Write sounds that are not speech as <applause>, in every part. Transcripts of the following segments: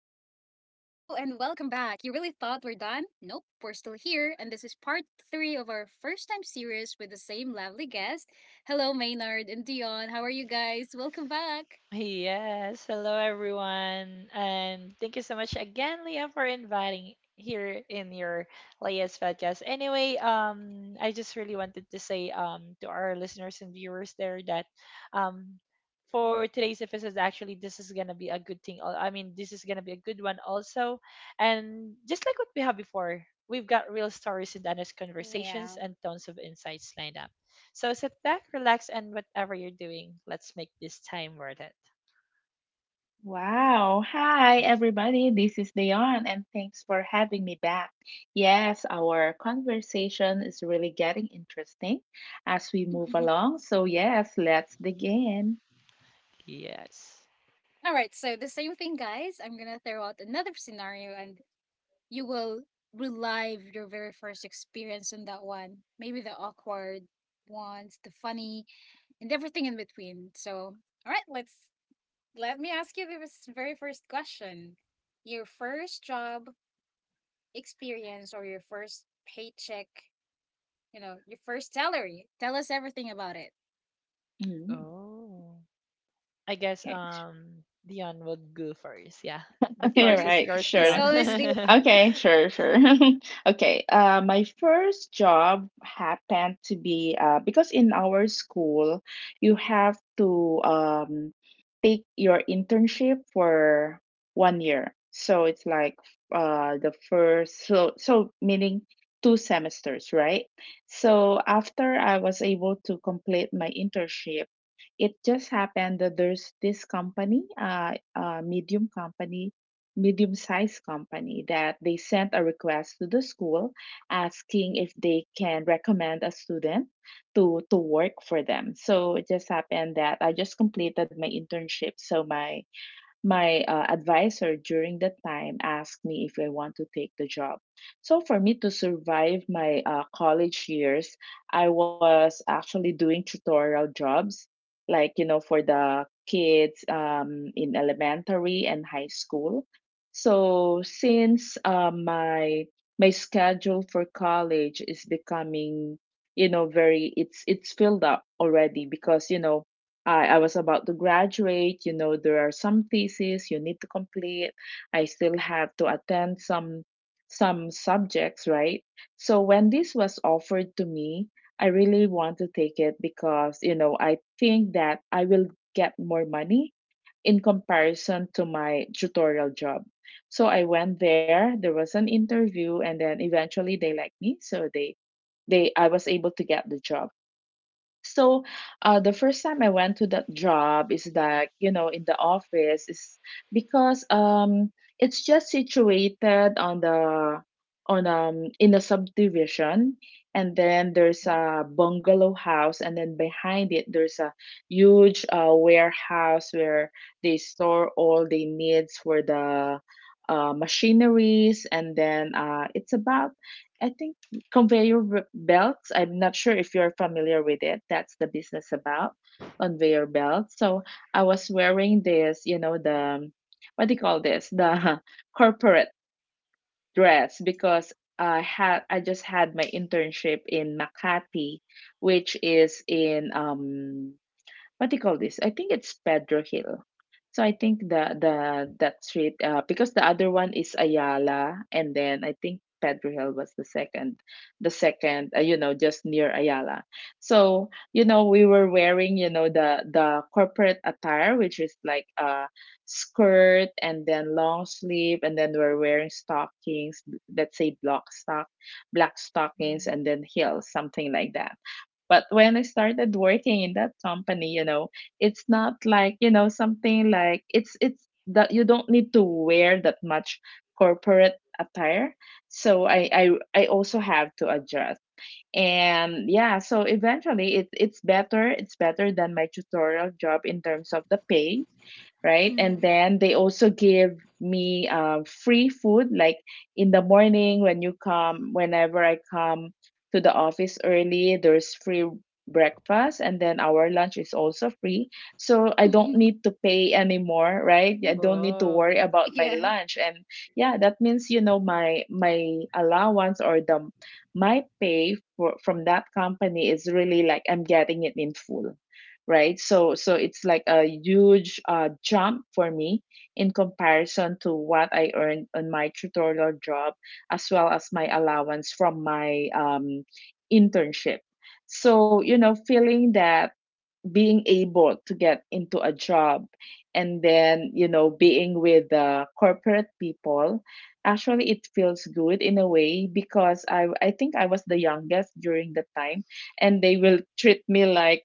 welcome back. You really thought we're done? Nope, we're still here, and this is part three of our first time series with the same lovely guest. Hello, Maynard and Dion. How are you guys? Welcome back. Yes, hello everyone, and thank you so much again, Leah, for inviting here in your Leah's podcast. Anyway, I just really wanted to say to our listeners and viewers there that um for today's episode, actually, this is gonna be a good thing. I mean, this is gonna be a good one also, and just like what we have before, we've got real stories and honest Yeah. conversations and tons of insights lined up. So sit back, relax, and whatever you're doing, let's make this time worth it. Wow. Hi, everybody. This is Leon, and thanks for having me back. Yes, our conversation is really getting interesting as we move <laughs> along. So, yes, let's begin. Yes. All right, so the same thing, guys. I'm gonna throw out another scenario, and you will relive your very first experience on that one. Maybe the awkward ones, the funny, and everything in between. So, all right, let me ask you the very first question. Your first job experience or your first paycheck, your first salary. Tell us everything about it. Mm, Oh, I guess okay. Dion will go first. Yeah. <laughs> The All floor is right. yours, <laughs> It's Sure. Dion. always the. <laughs> Okay, sure, sure. <laughs> Okay, my first job happened to be because in our school, you have to take your internship for 1 year. So it's like the first, so, so meaning two semesters, right? So after I was able to complete my internship, it just happened that there's this company, a medium-sized company that they sent a request to the school asking if they can recommend a student to work for them. So it just happened that I just completed my internship. So my advisor during that time asked me if I want to take the job. So, for me to survive my college years, I was actually doing tutorial jobs, like, you know, for the kids in elementary and high school. So, since my schedule for college is becoming very it's filled up already because I was about to graduate. You know, there are some theses you need to complete. I still have to attend some subjects, right? So when this was offered to me, I really want to take it because I think that I will get more money in comparison to my tutorial job. So I went there, there was an interview, and then eventually they liked me, so they I was able to get the job. So, the first time I went to that job is that, you know, in the office is because it's just situated on the on in the subdivision, and then there's a bungalow house, and then behind it there's a huge warehouse where they store all the needs for the machineries, and then it's about, I think, conveyor belts. I'm not sure if you're familiar with it. That's the business, about conveyor belts. So I was wearing this, you know, the, what do you call this, the <laughs> corporate dress, because I just had my internship in Makati, which is in what do you call this? I think it's Pedro Hill. So I think the that street, because the other one is Ayala, and then I think Pedro Hill was the second, just near Ayala. So, you know, we were wearing, you know, the corporate attire, which is like a skirt and then long sleeve, and then we're wearing stockings, let's say block stock black Mm. stockings, and then heels, something like that. But when I started working in that company, you know, it's not like, you know, something like it's that you don't need to wear that much corporate attire. So I also have to adjust. And yeah, so eventually it's better than my tutorial job in terms of the pay, right? And Mm. then they also give me free food, like in the morning when you come, whenever I come to the office early, there's free breakfast, and then our lunch is also free. So I don't need <laughs> to pay anymore, right? I don't need to worry Whoa. about my Yeah, lunch, and yeah, that means, you know, my allowance, or the, my pay for from that company, is really like I'm getting it in full, right? So it's like a huge jump for me in comparison to what I earned on my tutorial job, as well as my allowance from my internship. So, you know, feeling that, being able to get into a job, and then, you know, being with the corporate people, actually it feels good in a way, because I think I was the youngest during the time, and they will treat me like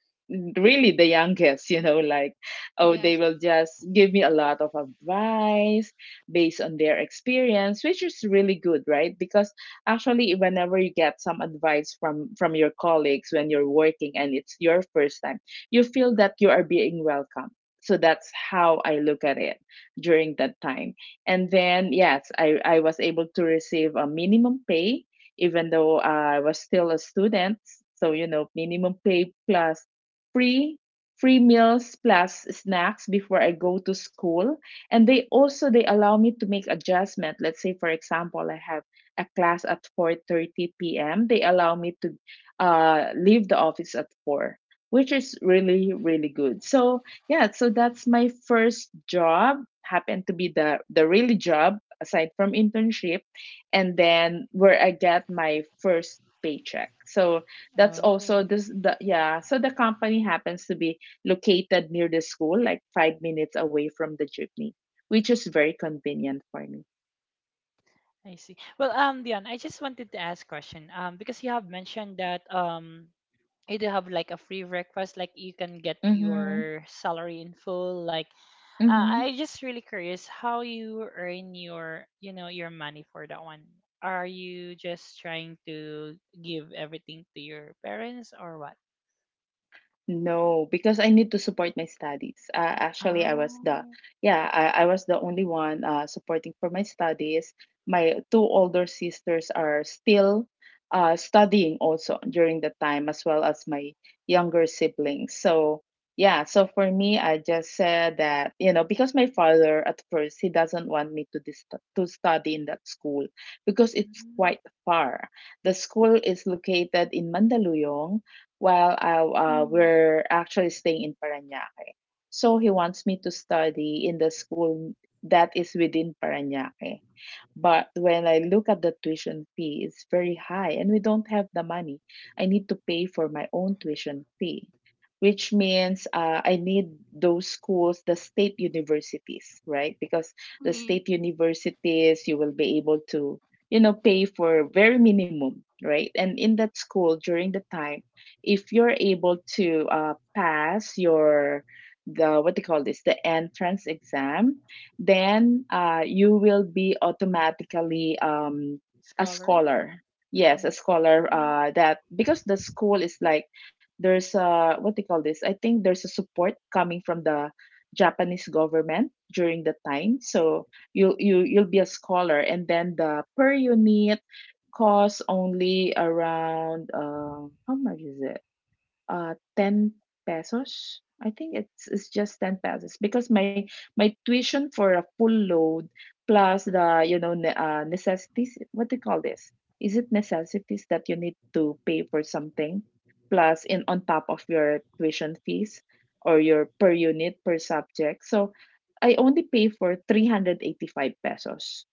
really the youngest, you know, like, oh, they yes. will just give me a lot of advice based on their experience, which is really good, right? Because actually, whenever you get some advice from your colleagues when you're working and it's your first time, you feel that you are being welcome. So that's how I look at it during that time. And then, yes, I was able to receive a minimum pay, even though I was still a student. So, you know, minimum pay plus free free meals plus snacks before I go to school. And they also they allow me to make adjustment. Let's say for example, I have a class at 4:30 p.m. They allow me to leave the office at 4, which is really really good. So yeah, so that's my first job, happened to be the really job aside from internship, and then where I get my first paycheck. So that's Oh, also this the yeah, so the company happens to be located near the school, like 5 minutes away from the jeepney, which is very convenient for me. I see. Well, Dion, I just wanted to ask question. Because you have mentioned that you do have like a free breakfast, like you can get Mm-hmm. your salary in full. Like, Mm-hmm. I just really curious how you earn your, you know, your money for that one. Are you just trying to give everything to your parents or what? No, because I need to support my studies. Actually, I was the Oh, yeah, I was the only one supporting for my studies. My two older sisters are still studying also during the time, as well as my younger siblings. So yeah, so for me, I just said that, you know, because my father at first, he doesn't want me to study in that school, because it's mhm. quite far. The school is located in Mandaluyong. Well, Mm. we're actually staying in Parañaque. So he wants me to study in the school that is within Parañaque. But when I look at the tuition fee, it's very high, and we don't have the money. I need to pay for my own tuition fee, which means I need those schools, the state universities, right? Because the Mm. state universities, you will be able to, you know, pay for very minimum, right? And in that school during the time, if you're able to pass what do you call this, the entrance exam, then you will be automatically a Scholar. scholar. Yes, a Hmm. scholar. That, because the school is like, there's a, what they call this? I think there's a support coming from the Japanese government during the time. So you'll be a scholar, and then the per unit costs only around, how much is it? 10 pesos. I think it's just 10 pesos, because my tuition for a full load plus the, you know, necessities, what do you call this, is it necessities that you need to pay for something plus in on top of your tuition fees, or your per unit per subject, so I only pay for 385 pesos.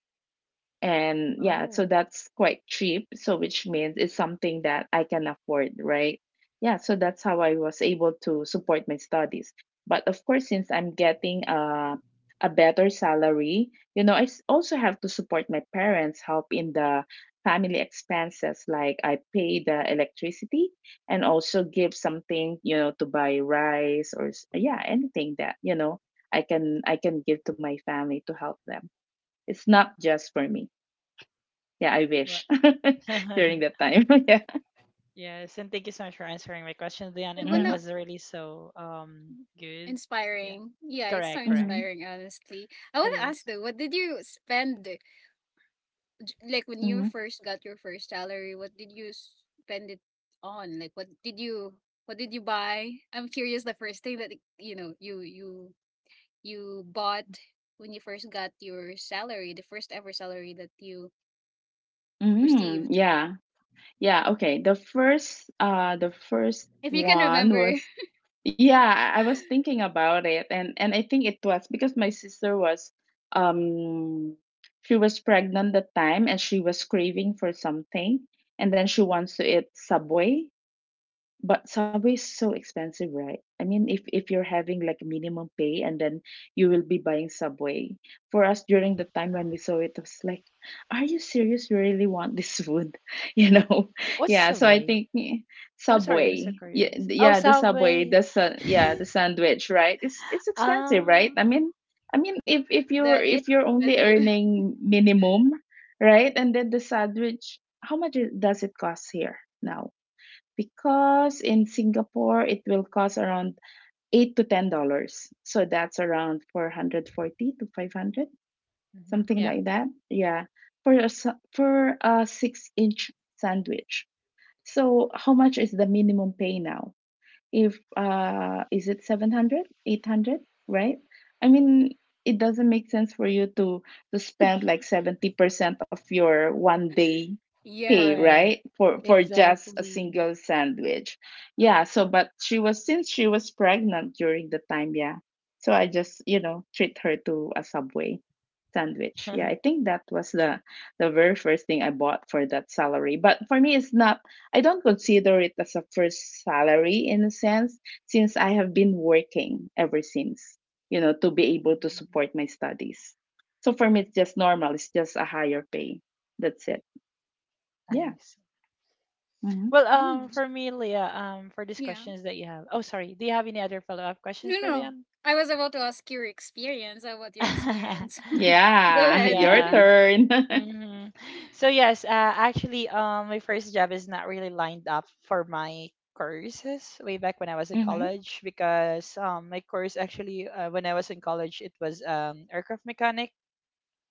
And yeah, Oh, so that's quite cheap, so which means it's something that I can afford, right? Yeah, so that's how I was able to support my studies. But of course, since I'm getting a better salary, you know, I also have to support my parents, help in the family expenses, like I pay the electricity, and also give something, you know, to buy rice, or yeah, anything that, you know, I can give to my family to help them. It's not just for me. Yeah, I what? wish. <laughs> <laughs> During that time. <laughs> Yeah. Yes, and thank you so much for answering my question, Leon. I And that wanna Mm-hmm. was really so good. Yeah, Inspiring. Yeah, it's so correct, correct. Mm-hmm. inspiring, honestly. I It want to ask is. though, what did you spend, like when you Mm-hmm. first got your first salary, what did you spend it on? Like what did you buy? I'm curious the first thing that, you know, you you you bought when you first got your salary, the first ever salary that you Mm, received. yeah. Yeah, okay. The first uh the If first you can one remember. <laughs> was yeah, I was thinking about it, and I think it was because my sister was, um she was pregnant that time, and she was craving for something, and then she wants to eat Subway. But Subway is so expensive, right? I mean, if you're having like minimum pay, and then you will be buying Subway. For us during the time when we saw it, it was like, are you serious? You really want this food? <laughs> You know? <laughs> What's Yeah. So I Savoy? think, I'm sorry, I'm so Subway. Yeah, curious. Oh, yeah, the Subway, Subway. Yeah, <laughs> the sandwich, right? It's expensive, right? I um, mean, if if you're That it's if you're only expensive. earning minimum, right? And then the sandwich, how much does it cost here now? Because in Singapore it will cost around $8 to $10. So that's around 440 to 500, mhm, something yeah, like that. Yeah, for a 6-inch sandwich. So how much is the minimum pay now? If is it 700, 800, right? I mean, it doesn't make sense for you to spend like 70% of your one day <laughs> pay, Yeah. correct, right, for just a exactly. single sandwich. Yeah, so but she was since she was pregnant during the time, yeah, so I just treat her to a Subway sandwich. Yeah, I <laughs> think that was the very first thing I bought for that salary. But for me, it's not, I don't consider it as a first salary in a sense, since I have been working ever since, to be able to Mm. support my studies. So for me, it's just normal. It's just a higher pay. That's it. Yeah. I see. Hmm. Well, Mm, for me, Leah, for these yeah. questions that you have. Oh, sorry. Do you have any other follow-up questions No, no. for No. Leon? I was about to ask your experience. How about your experience? <laughs> <laughs> Go Yeah. <laughs> ahead. <laughs> Your Yeah. turn. Hmm. So yes, actually, my first job is not really lined up for my courses way back when I was <laughs> in Hmm. college because my course actually when I was in college it was aircraft mechanic,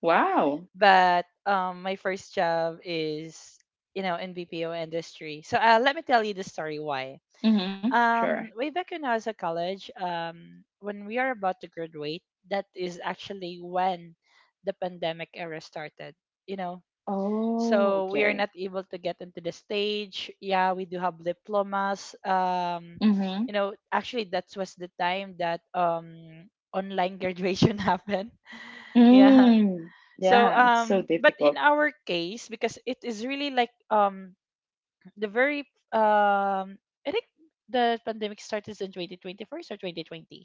Wow. but my first job is you know in BPO industry. So let me tell you the story why. Hmm. Sure. Way back when I was at college, when we are about to graduate, that is actually when the pandemic era started. You know, Oh, so we are okay. not able to get into the stage, yeah, we do have diplomas. Mm-hmm. You know, actually that was the time that online graduation <laughs> happened, yeah. Mm. So Yeah, it's so but in difficult. our case because it is really like the very, um I think the pandemic started in 2024 or 2020.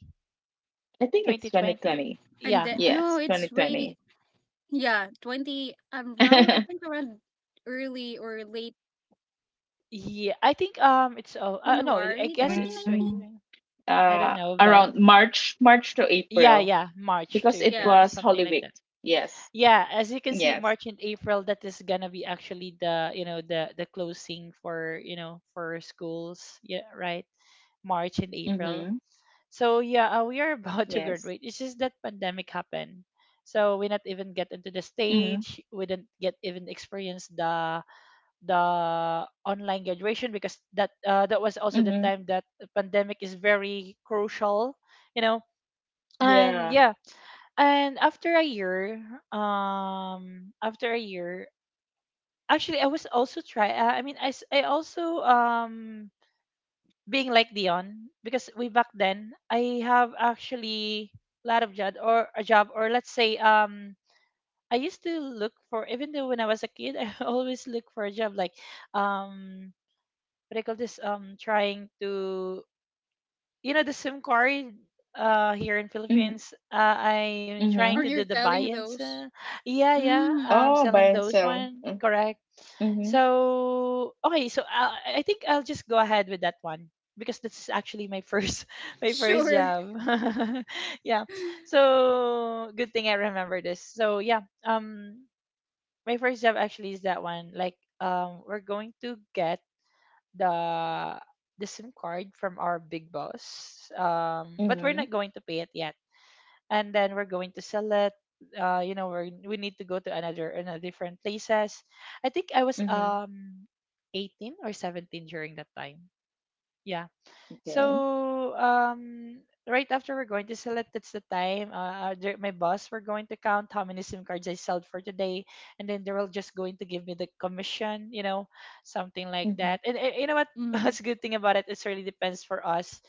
I think it's 2020, 2020. And yeah. the, no, Yes, it's way, 2020. yeah, twenty, around, I think, around early or late Yeah, I think it's oh no, I January guess twenty it's <laughs> nineteen. 2020, I don't know Around but March, March to yeah, April, yeah, March to because Yeah. it April, was something Holy like that. Week. Yes, Yeah, as you can see, yes. March and April, that is gonna be actually the you know the closing for you know for schools. Yeah, right. March and April. Mm-hmm. So yeah, we are <laughs> about to graduate. Yes. It's just that pandemic happened, so we not even get into the stage. Mm-hmm. We didn't get even experience the online graduation because that that was also the time Mm-hmm. that the pandemic is very crucial. You know, and yeah, Yeah. and after a year, actually, I was also try. I mean, I also being like Dion because we back then I have actually a lot of job or a job or let's say I used to look for even though when I was a kid <laughs> I always look for a job like, um what do you call this, trying to, you know, the SIM card here in Mm-hmm. Philippines. I'm trying Mm-hmm. Or to you're do the selling buy-ins, those. Yeah, yeah, Mm. am Oh, buy selling and those sell. one, correct. Mm-hmm. So okay, so I think I'll just go ahead with that one because that's actually my first <laughs> my first Sure. <laughs> job. <laughs> Yeah, so good thing I remember this. So yeah, my first job actually is that one, like we're going to get the the SIM card from our big boss. But we're not Mm-hmm. going to pay it yet. And then we're going to sell it. You know, we need to go to another different places. I think I was Mm-hmm. Mm-hmm. 18 or 17 during that time. Yeah. Okay. So right after we're going to select, that's the time. My boss, we're going to count how many SIM cards I sold for today, and then they will just going to give me the commission, you know, something like that. Mm-hmm. And you know what? <laughs> Mm. What's a good thing about it? It really depends for us.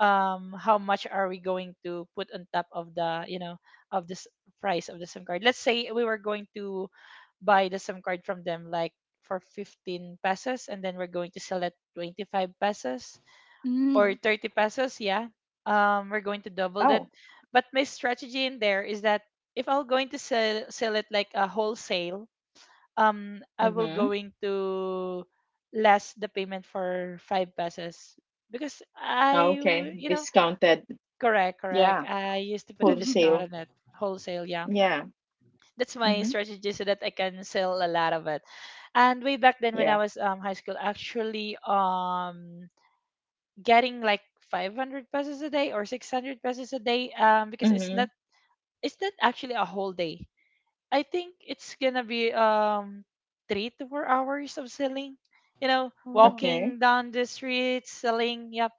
How much are we going to put on top of the, you know, of this price of the SIM card? Let's say we were going to buy the SIM card from them like for 15 pesos, and then we're going to sell at 25 pesos or Mm. 30 pesos, yeah, we're going to double Oh. that. But my strategy in there is that if I'm going to sell it like a wholesale, I will Mm-hmm. going to less the payment for five pesos because Oh, okay. You know, Discounted. correct, correct. Yeah. I used to put a <laughs> discount Wholesale. on it. Wholesale, yeah. Yeah. That's my Mm-hmm. strategy so that I can sell a lot of it. And way back then when I Yeah. was high school, actually getting like 500 pesos a day or 600 pesos a day, because it's Mm-hmm. not, it's not actually a whole day, I think it's gonna be 3 to 4 hours of selling, you know, Oh. walking Okay. down the streets selling. Yep,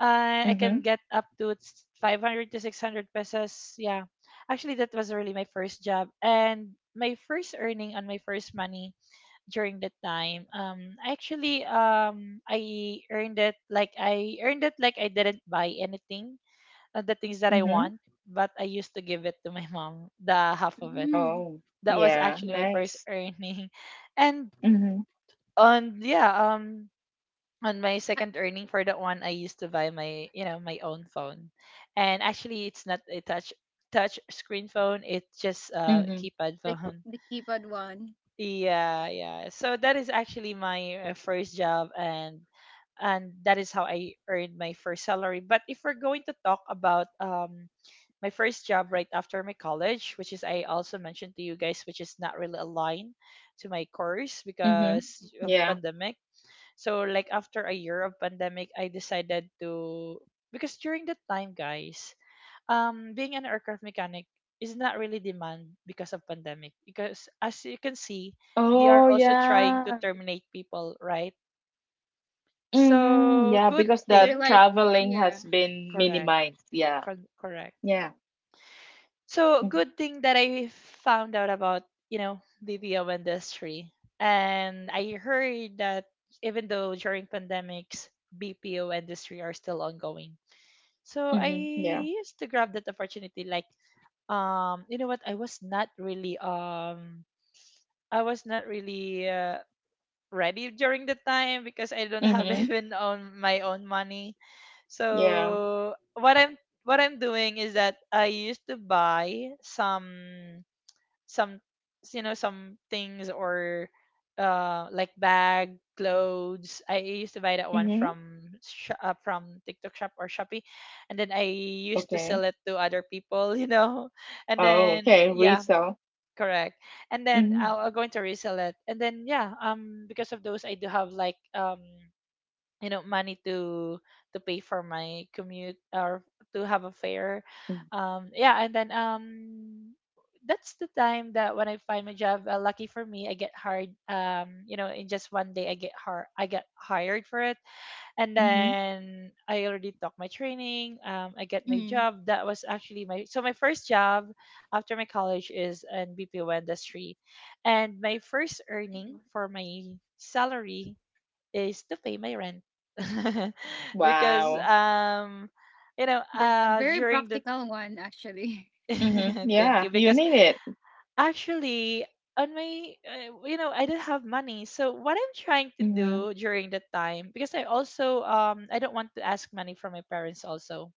I can Mm-hmm. get up to 500 to 600 pesos, yeah. Actually that was really my first job and my first earning on my first money during that time. Actually, I earned it like I earned it like I didn't buy anything, the things that I Mm-hmm. want, but I used to give it to my mom the half of it. Mm. Oh. That was Yeah. actually my first Nice. earning. <laughs> And Mm-hmm. on, yeah, on my Ah, second earning for that one, I used to buy my, you know, my own phone. And actually it's not a touch screen phone, it's just a Mm-hmm. keypad the phone. the keypad one. Yeah, yeah. So that is actually my first job, and that is how I earned my first salary. But if we're going to talk about my first job right after my college, which is I also mentioned to you guys, which is not really aligned to my course Mm-hmm. because of Yeah. pandemic. So like after a year of pandemic, I decided to, because during that time, guys, being an aircraft mechanic is not really demand because of pandemic, because as you can see they are Oh, also trying to yeah. terminate people, right? Mm, So yeah, good because the They're thing, like, traveling yeah. has been correct, minimized. Yeah. Correct. Yeah. So good thing that I found out about, you know, the BPO industry, and I heard that even though during pandemics, BPO industry are still ongoing. So I Mm-hmm. Yeah. used to grab that opportunity like, you know what, I was not really ready during the time because I don't have <laughs> Mm-hmm. even on my own money. Yeah. So what I'm doing is that I used to buy some, some you know, some things, or like bag, clothes. I used to buy that one Mm-hmm. from from TikTok Shop or Shopee, and then I used to Okay. sell it to other people. <laughs> You know, and Oh, then okay. yeah, Resale. correct. And then Mm-hmm. I'll going to resell it, and then yeah, because of those I do have like, you know, money to pay for my commute or to have a fare, yeah. And then, that's the time that when I find my job. Uh, lucky for me, I get hired, you know, in just one day I get hired, I get hired for it, and Mm-hmm. then I already took my training. I get my Mm-hmm. job. That was actually my so my first job after my college is in BPO industry, and my first earning for my salary is to pay my rent. <laughs> Because Wow. You know, the a very during the practical one actually. <laughs> Mm-hmm. <laughs> thank Yeah, you, you because need it. actually, on my, you know, I didn't have money. So what I'm trying to Mm-hmm. do during that time, because I also I don't want to ask money from my parents also.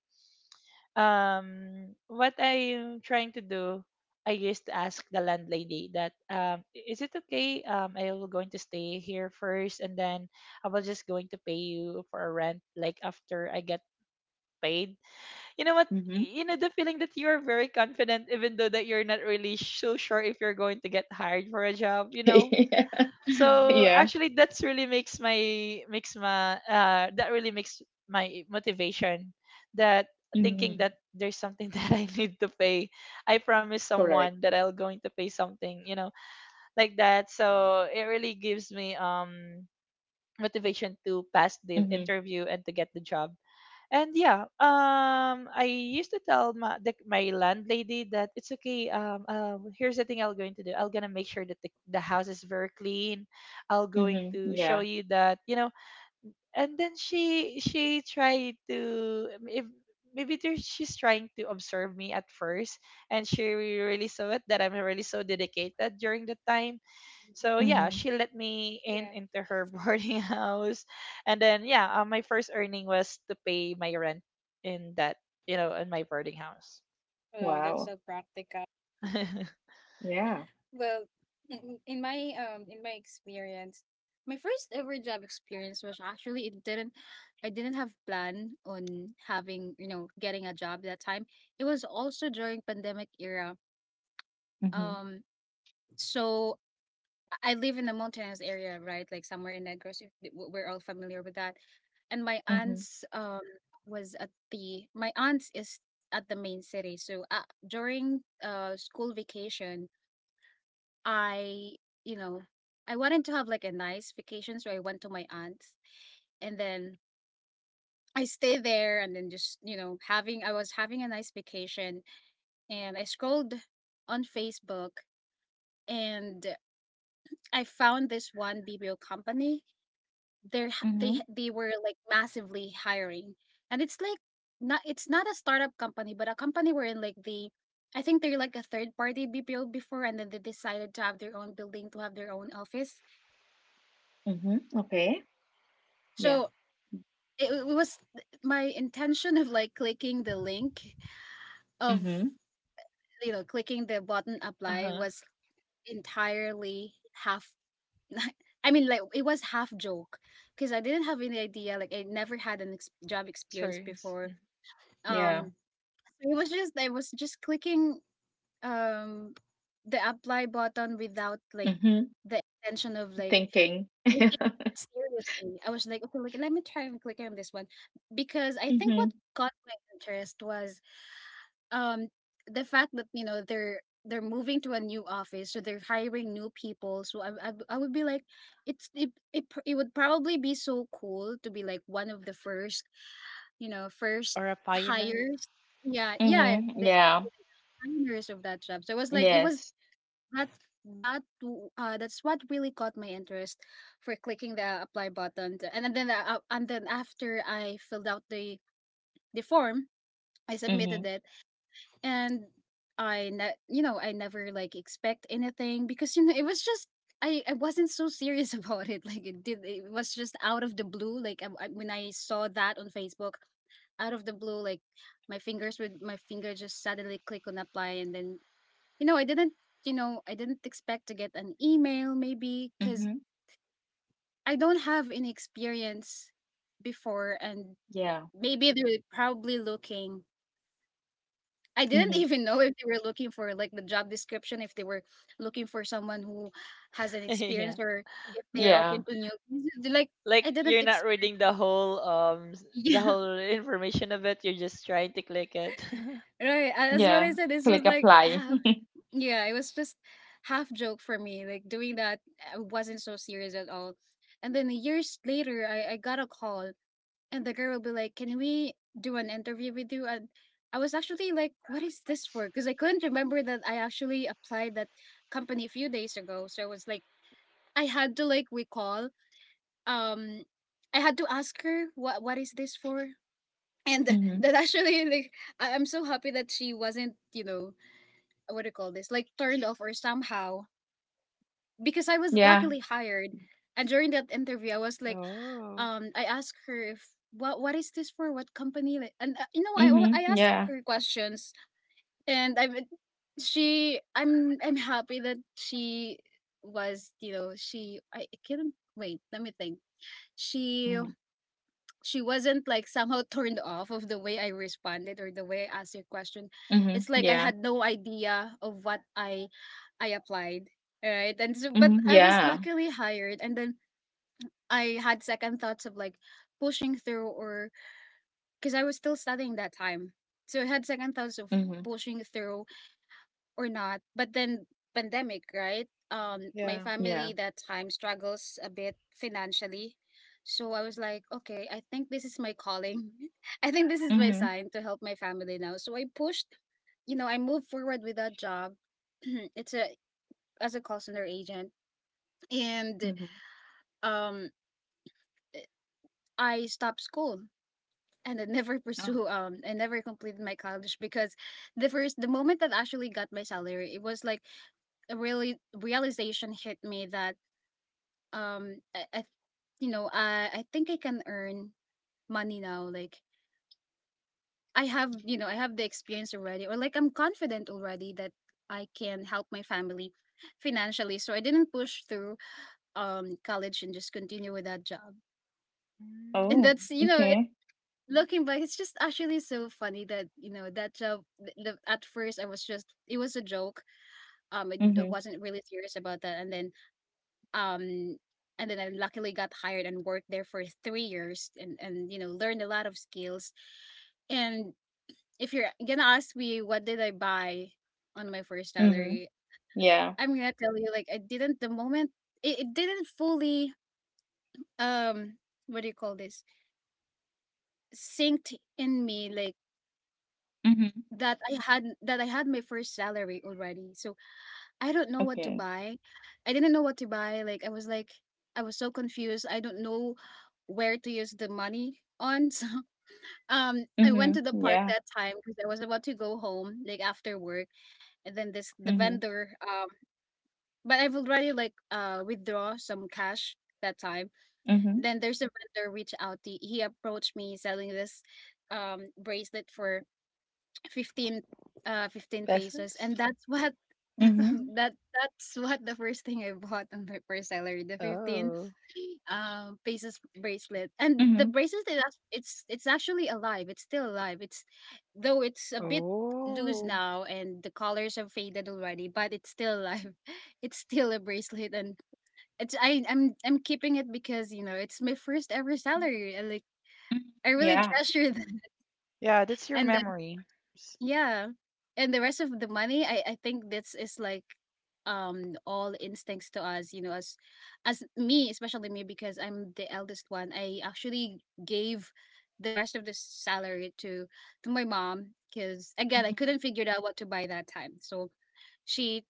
What I'm trying to do, I used to ask the landlady that, is it okay? I will going to stay here first, and then I will just going to pay you for a rent like after I get paid you know what Mm-hmm. you know the feeling that you are very confident even though that you're not really so sure if you're going to get hired for a job, you know? <laughs> Mm-hmm. So Yeah. Yeah. actually that's really makes my that really makes my motivation, that thinking Mm-hmm. that there's something <laughs> that I need to pay. I promise someone Correct. that I'll going to pay something, you know, like that. So it really gives me motivation to pass the Mm-hmm. interview and to get the job. And yeah, I used to tell my landlady that it's okay. Here's the thing I'm going to do. I'm gonna make sure that the house is very clean. I'm going Mm-hmm. to show Yeah. you that, you know. And then she tried to if maybe there, she's trying to observe me at first, and she really saw it that I'm really so dedicated during the time. So yeah, Mm-hmm. she let me Yeah. in into her <laughs> boarding house, and then yeah, my first earning was to pay my rent in that, you know, in my boarding house. Wow, that's so Wow. practical. <laughs> uh Yeah. Well, in my experience, my first ever job experience was actually— it didn't I didn't have plan on having, getting a job that time. It was also during pandemic era. Mm-hmm. Um so I live in a mountainous area, right? Like somewhere in Negros. If we're all familiar with that. And my Mm-hmm. aunt's was at the, my aunt's is at the main city. So during school vacation, I you know I wanted to have like a nice vacation, so I went to my aunt's, and then I stayed there, and then just you know having I was having a nice vacation, and I scrolled on Facebook, and I found this one BBO company. They're Mm-hmm. H they were, like, massively hiring, and it's, like, not it's not a startup company, but a company wherein, like, they I think they're, like, a third party BPO before, and then they decided to have their own building, to have their own office. Mm-hmm. Okay. Yeah. So it was my intention of, like, clicking the link of, Mm-hmm. Clicking the button apply huh. was entirely half. <laughs> I mean, like, it was half joke, because I didn't have any idea, like, I never had an ex job Sure. experience before. Yeah. Um it was just I was just clicking, um the apply button without like Mhm. the intention of like Thinking. taking seriously. I was like, okay, like let me try and click on this one, because I think what Mhm. caught my interest was, um the fact that, they're moving to a new office, so they're hiring new people. So I would be like, it's it, it pr- it would probably be so cool to be like one of the first, first Or a pioneer? hires, yeah, yeah, Mhm. Yeah. designers of that job. So it was like, it was Yes. that that's what really caught my interest for clicking the apply button. And then, and then after I filled out the form, I submitted Mhm. it, and I ne- you know, I never like expect anything, because, it was just— I wasn't so serious <laughs> about it. Like it was just out of the blue. Like, when I saw that on Facebook, out of the blue, like my finger just suddenly click on apply, and then, you know, I didn't, I didn't expect to get an email, maybe because Mhm. I don't have any experience before. And Yeah. maybe they were probably looking. I Mhm. didn't <laughs> even know if they were looking for, like, the job description, if they were looking for someone who has an <laughs> experience, Yeah. or if they're Yeah. open to new things. Like, Like I didn't you're not expect. reading the whole the <laughs> whole information of it. You're just trying to click it. <laughs> Yeah, right. As what Yeah. I said, this was Click like, apply. ah, <laughs> yeah, it was just half joke for me. Like doing that, I wasn't so serious at all. And then years later, I got a call, and the girl will be like, "Can we do an interview with you?" And I was actually like, "What is this for?" Because I couldn't remember that I actually applied that company a few days ago. So I was like, I had to like recall. Um, I had to ask her what is this for. And <laughs> th- Mhm. that actually, like, I'm so happy that she wasn't, what do you call this, like turned off or somehow, because I was Yeah. luckily hired, and during that interview, I was like, Oh, I asked her if what is this for? What company? Like. And, I Mhm. I asked Yeah. her questions, and I'm happy that she was, she— I can't wait. Let me think. She Mhm. she wasn't like somehow turned off of the way I responded or the way I asked her question. Mhm. It's like I Yeah. had no idea of what I applied, right? And so, but Mhm. I was Yeah. luckily hired, and then I had second thoughts of, like, pushing through, or because I was still studying that time, so I had second thoughts of Mhm. pushing through or not. But then pandemic, right? My yeah. Yeah. family that time struggles a bit financially. So I was like, okay, I think this is my calling. <laughs> I think this is my Mhm. sign to help my family now. So I pushed, you know, I moved forward with that job. <clears throat> it's a as a call center agent, and Mhm. um eh, I stopped school, and I never <laughs> Oh. pursue I never completed my college, because the moment that I actually got my salary, it was like a really realization hit me that, um I, I I think I can earn money now, like I have— I have the experience already, or like I'm confident already that I can help my family financially, so I didn't push through, college and just continue with that job, and Oh, Mm, that's, okay. looking back, it's just actually so funny that, at first I was just it was a joke, I Mhm. wasn't really serious about that, and then, um and then I luckily got hired and worked there for 3 years, and learned a lot of skills. And if you're gonna ask me what did I buy on my first Mhm. salary, Yeah. I'm gonna tell you, like, I didn't the moment, it didn't fully, um what do you call this, synced in me, like Mhm. that I had my first salary already. So I don't know what Okay. to buy. I didn't know what to buy. I was so confused. I don't know where to use the money on. <laughs> So I Mhm. went to the park Yeah. that time, because I was about to go home like after work, and then this the Mhm. vendor, but I've already like, withdraw some cash that time. Mhm. Then there's a vendor reach out, he approached me selling this, bracelet for 15 15 pesos, Peasants? and that's what <laughs> the f- Mhm. <laughs> that that's what the first thing I bought on my first salary, the 15, Oh, pesos bracelet, and the Mhm. bracelet is act- it's actually alive, it's still alive, it's, though, it's a bit loose oh. now, and the colors have faded already, but it's still alive. <laughs> It's still a bracelet, and it's I I'm keeping it, because, it's my first ever salary, and like I really Yeah. treasure that. <laughs> Yeah, that's your And memory. yeah. And the rest of the money, I think this is like, all instincts to us, as me, especially me, because I'm the eldest one. I actually gave the rest of the salary to my mom, because, again, I Mhm. couldn't figure out what to buy that time. So she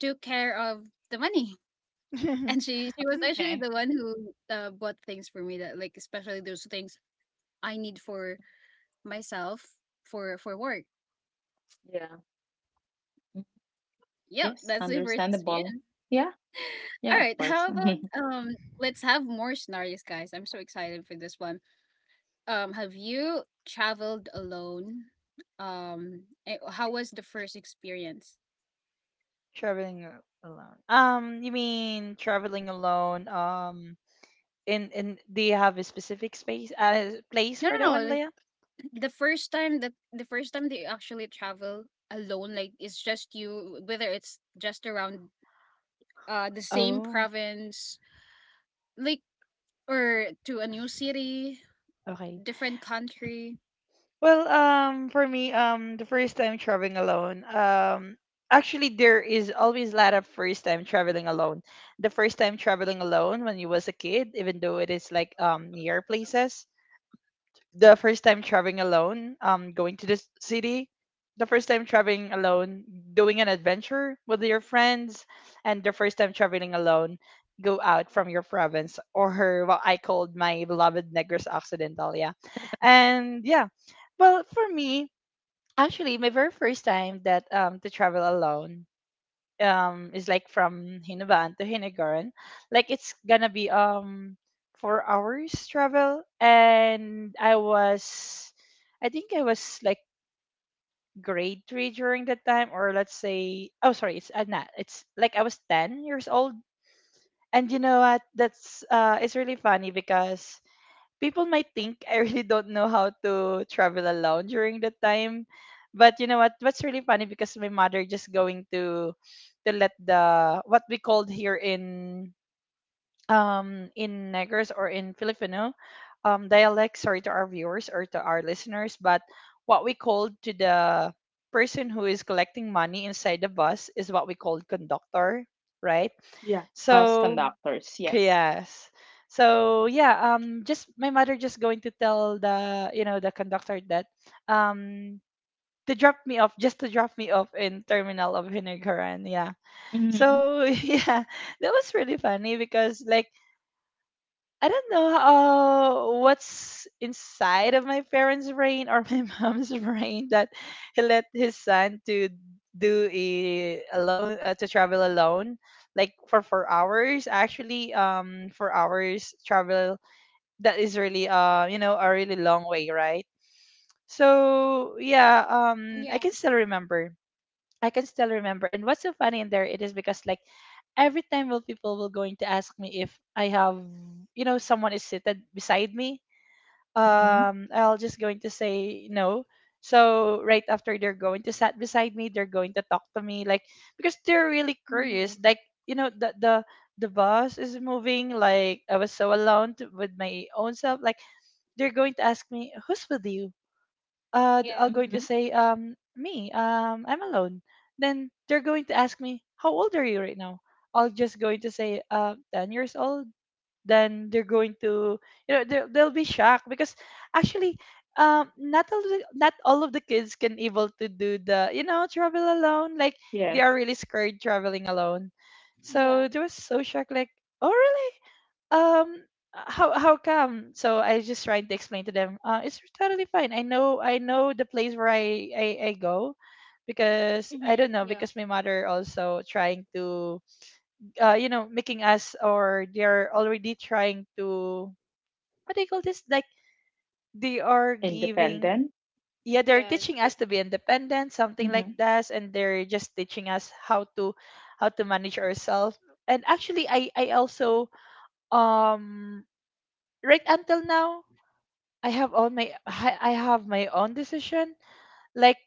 took care of the money. <laughs> <laughs> And she was actually the Okay. one who, bought things for me, that like, especially those things I need for myself for work. Yeah. Yep, Yes, that's my first. understandable. <laughs> Yeah, yeah, All of right. course. How about, <laughs> let's have more scenarios, guys. I'm so excited for this one. Have you traveled alone? How was the first experience? Traveling alone. You mean traveling alone? In do you have a specific space place No, for no, that no. one, Like, Leah? <clears throat> the first time that you actually travel alone, like it's just you, whether it's just around the same Oh, province, like, or to a new city, okay. different country. Well, for me, the first time traveling alone, actually there is always a lot of first time traveling alone. The first time traveling alone when you was a kid, even though it is like near places, the first time traveling alone, going to this city, the first time traveling alone, doing an adventure with your friends, and the first time traveling alone, go out from your province, or what I called my beloved Negros Occidental. Yeah. And yeah, well, for me, actually, my very first time that to travel alone is like from Hinuban to Hinigaran, like it's gonna be 4 hours travel, and I think I was like grade three during that time, or let's say, oh sorry, it's not, it's like I was 10 years old, and you know what? That's it's really funny because people might think I really don't know how to travel alone during that time. But you know what? What's really funny because my mother just going to let the, what we called here in Negros, or in Filipino dialect, sorry to our viewers or to our listeners, but what we called to the person who is collecting money inside the bus is what we called conductor, right? Yeah. Bus So conductors, yes. Yes. So yeah, just my mother just going to tell, the you know, the conductor that um to drop me off, just to drop me off in terminal of Hinigaran, yeah. Mm-hmm. So <laughs> yeah, that was really funny because like I don't know what's inside of my parents' brain or my <laughs> mom's brain that he let his son to do a alone to travel alone, like for 4 hours. Actually, 4 hours travel, that is really you know, a really long way, right? So yeah, Yeah. I can still remember. And what's so funny in there it is because like every time will people will going to ask me if I have, you know, someone is seated beside me. Mm-hmm. I'll just going to say no. So right after they're going to sat beside me, they're going to talk to me like because they're really curious. Mhm. Like you know the bus is moving. Like I was so alone to, with my own self. Like they're going to ask me who's with you, I'll going to Mm-hmm. say me, I'm alone. Then they're going to ask me how old are you right now? I'll just going to say 10 years old. Then they're going to, you know, they'll be shocked because actually not all of the kids can able to do the, you know, travel alone, like they are Yes. really scared traveling alone. Yeah. So they was so shocked like oh really, um how come. So I just tried to explain to them it's totally fine, I know, I know the place where I go because I Hmm. don't know, Yeah. because my mother also trying to you know, making us, or they're already trying to what do you call this, like they are giving, Independent. yeah, they're Yeah. teaching us to be independent, something Mm-hmm, like mm-hmm. that, and they're just teaching us how to manage ourselves. And actually I also um right until now I have all my I have my own decision. Like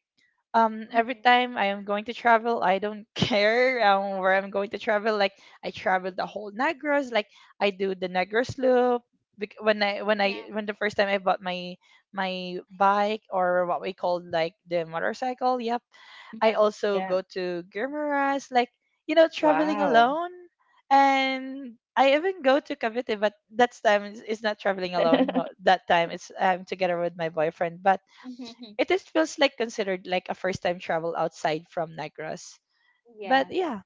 every Mhm. time I am going to travel, I don't <laughs> care where I'm going to travel. Like I travel the whole Negros. Like I do the Negros loop. When I when Yeah. I when the first time I bought my my bike, or what we call like the motorcycle, yep, I Yeah. also Yeah. go to Guimaras, like, you know, traveling Wow. alone. And I even go to Cavite, but that time is not traveling alone. <laughs> That time it's together with my boyfriend. But Mhm. it is feels like considered like a first time travel outside from Negros. But Yeah. yeah.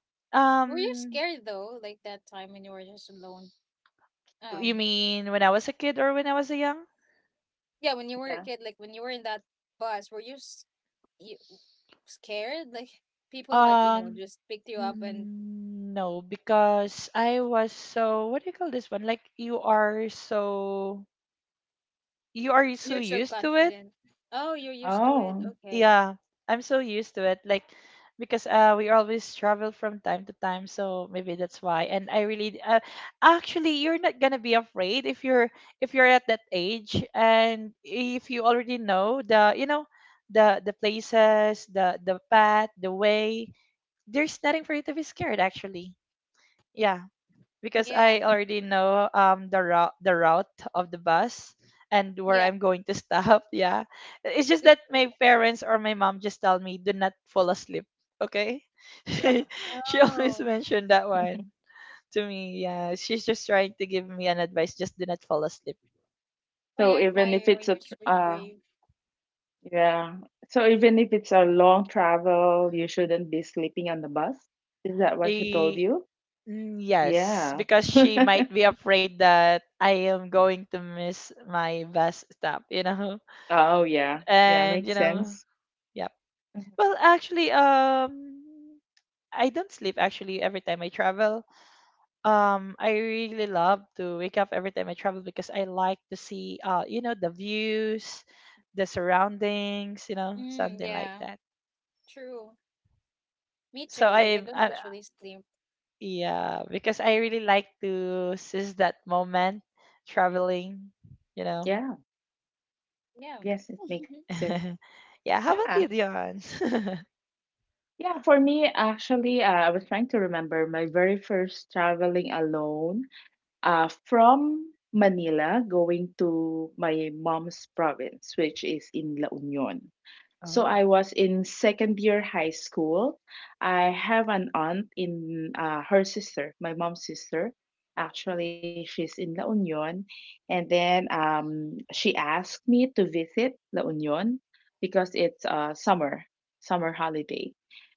Were you Um scared though, like that time when you were just alone? you Um, mean when I was a kid or when I was a young? yeah, when you were a Yeah. kid, like when you were in that bus, were you, you scared? Like, people might, Um just pick you up. And no, because I was so what do you call this one? Like you are so you're so used to it. confident. Oh, you're used to it. Oh, Okay. Yeah, I'm so used to it. Like because we always travel from time to time, so maybe that's why. And I really actually you're not gonna be afraid if you're at that age and if you already know the, you know, the places, the path, the way. There's nothing for you to be scared actually. Yeah. Because Yeah. I already know the route of the bus and where Yeah. I'm going to stop. <laughs> Yeah, it's just Good that my for parents or my mom just tell me do not fall asleep. Okay, yeah. you. <laughs> she always Oh, mentioned that one to me. Yeah, she's just trying to give me an advice. Just do not fall asleep. I So even admire if you it's when a you're so brave. yeah, so even if it's a long travel, you shouldn't be sleeping on the bus. Is that what she told I, you? Yes, Yeah. because she <laughs> might be afraid that I am going to miss my bus stop. You know, Oh, yeah. <laughs> Yeah, and you makes know, sense. yeah. Mhm. Well, actually, I don't sleep actually every time I travel. I really love to wake up every time I travel because I like to see, you know, the views, the surroundings, you know, Mm, something like yeah. that. True. Me So too. Like, I don't I usually sleep. yeah, because I really like to seize that moment traveling, you know. Yeah. Yeah. Yes, it makes <laughs> sense. <laughs> Yeah, how Yeah. about you, Dion? <laughs> Yeah, for me, actually, I was trying to remember my very first traveling alone, from Manila going to my mom's province, which is in La Union. So Oh, I was in second year high school. I have an aunt in, her sister, my mom's sister. Actually, she's in La Union. And then she asked me to visit La Union because it's summer, summer holiday.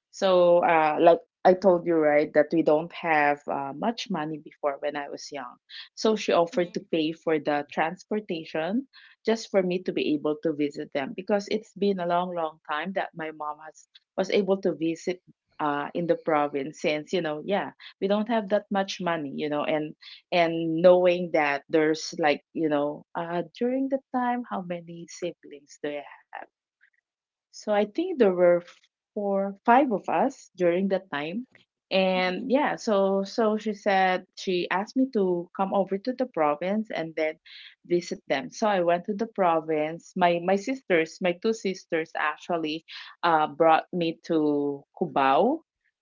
So, like I told you, right, that we don't have much money before when I was young. So she offered to Mhm, pay for the transportation just for me to be able to visit them, because it's been a long, long time that my mom has was able to visit in the province, since you know, yeah, we don't have that much money, you know. And knowing that there's like, you know, uh, during the time, how many siblings do I, so I think there were four, five of us during that time. mhm, mhm, And yeah, so so she said, she asked me to come over to the province and then visit them. So I went to the province. My sisters, my two sisters actually brought me to Cubao,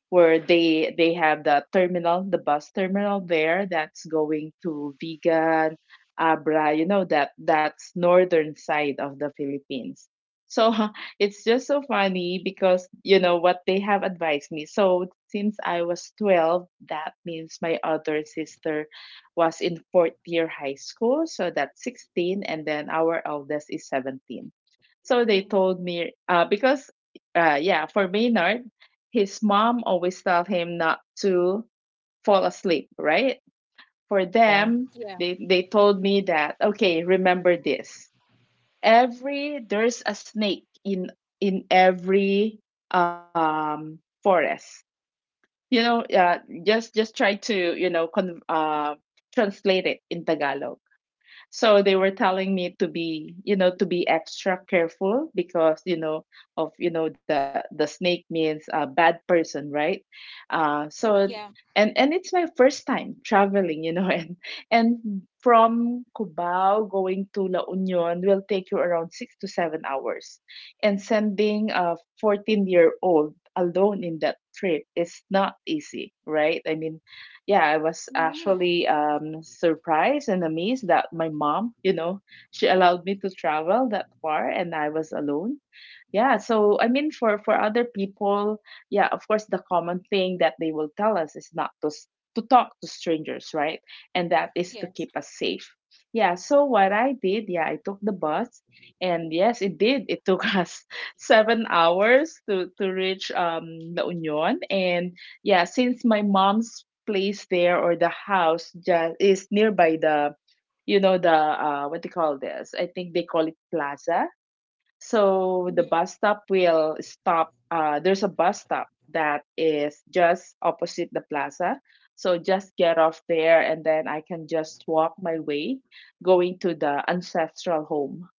where they have the terminal, the bus terminal there, that's going to Vigan, Abra, you know, that that's northern side of the Philippines. So <laughs> it's just so funny because you know what they have advised me. So since I was 12, that means my other sister was in fourth year high school, so that's 16, and then our eldest is 17. So they mhm. told me, because yeah, for Maynard, his mom always tell him not to fall asleep, right? For yeah, them, Yeah. They told me that, okay, remember this, every there's a snake in every forest, you know, just try to, you know, translate it in Tagalog. So they were telling me to be, you know, to be extra careful, because you know, of you know, the snake means a bad person, right? So Yeah. And it's my first time traveling, you know, <laughs> and from Cubao going to La Union will take you around 6 to 7 hours, and sending a 14-year-old alone in that trip is not easy, right? Yeah, I was Yeah. actually, surprised and amazed that my mom, you know, she allowed me to travel that far and I was alone. Yeah, so I mean, for other people, yeah, of course the common thing that they will tell us is not to to talk to strangers, right? And that is to Yes. keep us safe. Yeah, so what I did, yeah, I took the bus, and yes, it did. It took <laughs> us 7 hours to reach La Union. And yeah, since my mom's place there or the house just is nearby the, you know, the what do you call this? I think they call it plaza. So the Hmm. bus stop will stop. There's a bus stop that is just opposite the plaza. So just get off there, and then I can just walk my way going to the ancestral home.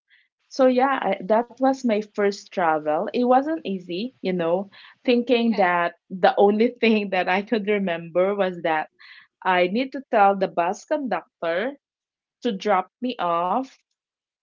So yeah, I, that was my first travel. It wasn't easy, you know, thinking Yeah. that the only <laughs> thing that I could remember was that I need to tell the bus conductor to drop me off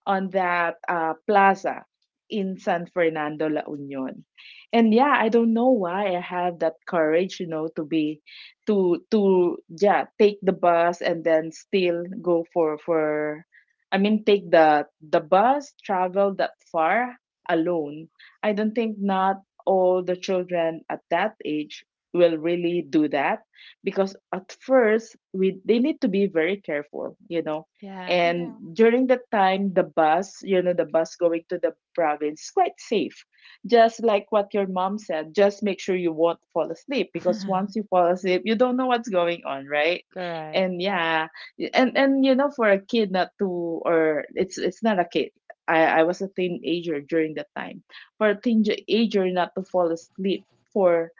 on that plaza in San Fernando, La Union. And yeah, I don't know why I have that courage, you know, to be, to yeah, take the bus and then still go for I mean, take the bus, travel that far alone. I don't think not All the children at that age will really do that, because at first we they need to be very careful, you know, yeah, Yeah. and during that time, the bus, you know, the bus going to the province, quite safe. Just like what your mom said, just make sure you won't fall asleep, because <laughs> once you fall asleep, you don't know what's going on, right? correct. And yeah, and you know, for a kid not to, or it's not a kid. I was a teenager during that time. For a teenager not to fall asleep for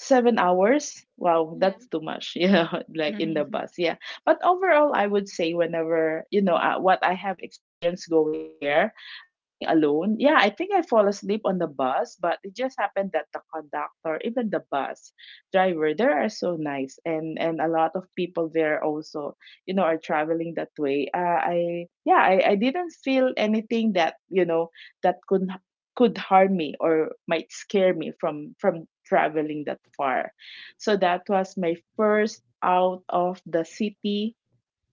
7 hours? Wow, Yeah. that's too much. <laughs> Yeah, like in the <laughs> bus. Yeah. But overall, I would say, whenever, you know, what I have experienced going there, being alone, yeah, I think I fall asleep on the bus, but it just happened that the conductor, even the bus driver, they are so nice. And a lot of people there also, you know, are traveling that way. I, yeah, I didn't feel anything that, you know, that could harm me or might scare me from traveling that far. So that was my first out of the city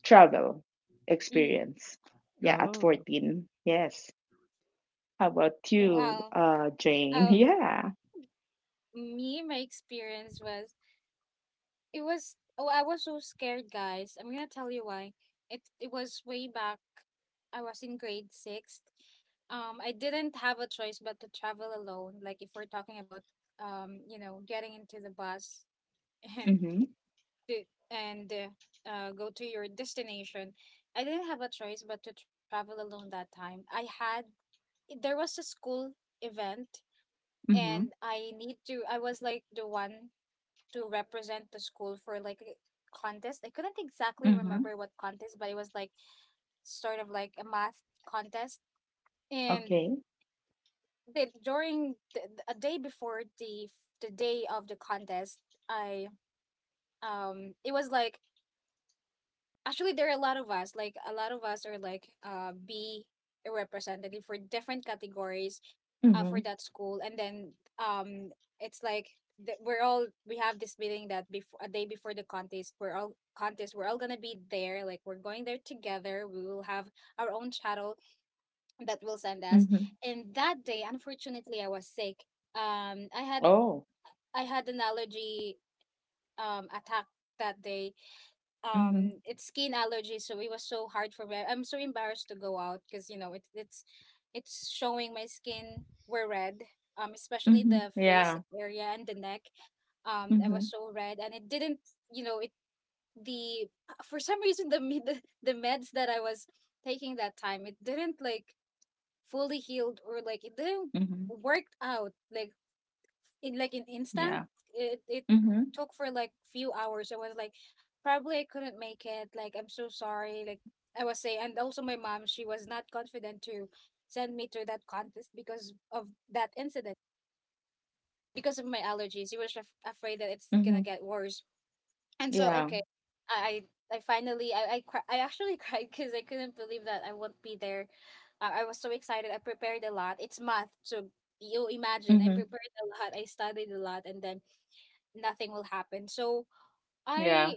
travel Mm. experience. Yeah, at Oh, 14. Yes. How about you, Wow. Jane? <laughs> Um, Yeah. me, my experience was, it was, oh, I was so scared, guys. I'm gonna tell you why. It was way back. I was in grade sixth. I didn't have a choice but to travel alone. Like, if we're talking about, getting into the bus, <laughs> and Mm-hmm. the and go to your destination. I didn't have a choice but to travel alone that time. I had There was a school event, Mm-hmm. and I need to I was like the one to represent the school for like a contest. I couldn't exactly Mm-hmm. remember what contest, but it was like sort of like a math contest. And Okay. During a day before the day of the contest, I it was like, actually there are a lot of us, like, a lot of us are like, be a representative for different categories for Mm-hmm. that school, and then it's like, we have this meeting that before a day before the contest, we're all gonna be there, like we're going there together, we will have our own shuttle that will send us. Mm-hmm. And that day, unfortunately, I was sick. um i had Oh. I had an allergy attack that day. Mm-hmm. It's skin allergy, so it was so hard for me. I'm so embarrassed to go out because, it's showing, my skin were red, especially Mm-hmm. the face Yeah. area and the neck. I Mm-hmm. was so red, and it didn't, it the for some reason the <laughs> the meds that I was taking that time, it didn't, like, fully healed, or like it didn't Mm-hmm. worked out like in Yeah. instant. It Mm-hmm. took for like few hours. I was like, probably I couldn't make it, like, I'm so sorry, like I was saying. And also, my mom, she was not confident to send me to that contest because of that incident, because of my allergies. She was afraid that it's gonna Mm-hmm. get worse. And so, Yeah. okay, I I finally, I actually <laughs> cried, because I couldn't believe that I won't be there. I was so excited. I prepared a lot, it's math, so you imagine, I Mm-hmm. prepared a lot, I studied a lot, and then nothing will happen. So Yeah. I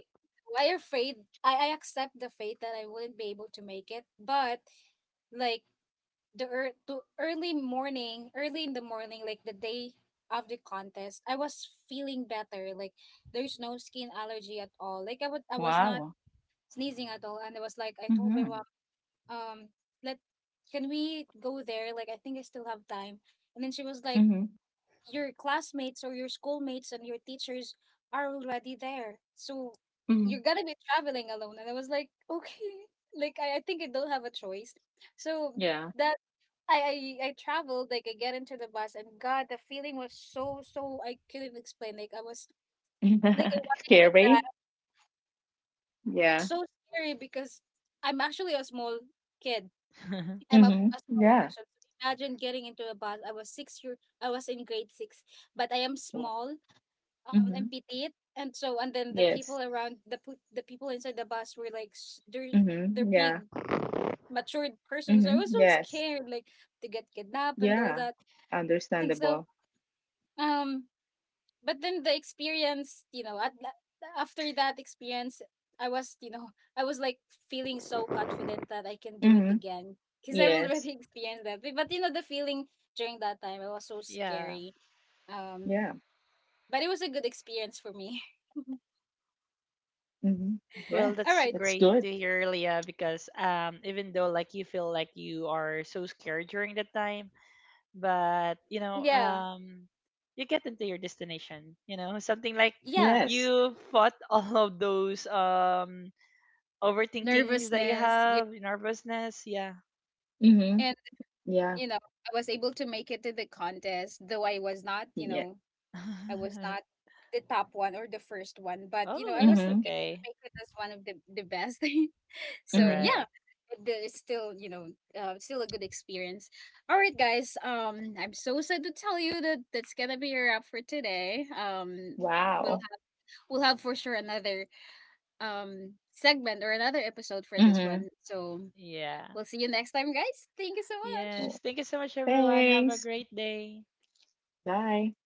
I afraid I accept the fate that I wouldn't be able to make it. But, like, the early morning, early in the morning, like, the day of the contest, I was feeling better. Like, there's no skin allergy at all. Like, I was not Wow. sneezing at all, and I was like, I told my Mm-hmm. mom, um, let can we go there? Like, I think I still have time. And then she was like, Mm-hmm. your classmates or your schoolmates and your teachers are already there, so you're Mhm. gonna be traveling alone. And I was like, okay, <laughs> like, I think I don't have a choice. So Yeah. that, I traveled, like, I get into the bus, and God, the feeling was, so I couldn't explain. Like, I was like, I <laughs> wanted to cry. Scary. Yeah. So scary because I'm actually a small kid. <laughs> I'm a, Mhm. a small Yeah. person. So imagine getting into a bus. I was in grade six, but I am Wow. small, and Mhm. empty. And so, and then the people Yes. around, the people inside the bus were, like, they're Mhm. they're Yeah. big matured persons. So I Mhm. was so Yes. scared, like, to get kidnapped and all Yeah. that. And so, Understandable. um but then the experience, after that experience, i was you know I was like feeling so confident that I can do it Mhm. again, because I've already Yes. <laughs> experienced that. You know, the feeling during that time, it was so yeah. scary. um Yeah. but it was a good experience for me. Mhm. Well, Yeah. <laughs> All that's right. That's great to good. hear, Leah, because even though like you feel like you are so scared during that time, but you know, Yeah, you get into your destination. You know, something like yeah, Yes. you fought <laughs> all of those overthinkings that you nervousness, yeah. have, nervousness. Yeah. Mhm. And, Yeah. I was able to make it to the contest, though i was not you Yeah. know i was not <laughs> the top one or the first one, but, Oh, I was that's Mhm. able to okay. make it as one of the best. <laughs> So Mhm. yeah, Correct. It's still you know still a good experience. All right, guys, I'm so sad to tell you that that's gonna be a wrap for today. We'll Wow. have we'll have for sure another segment or another episode for this one, Mhm. so Yeah. we'll see you next time, guys. Thank you so much. Yes. Oh, Thank you so much, everyone. Have a thanks. great day. Bye.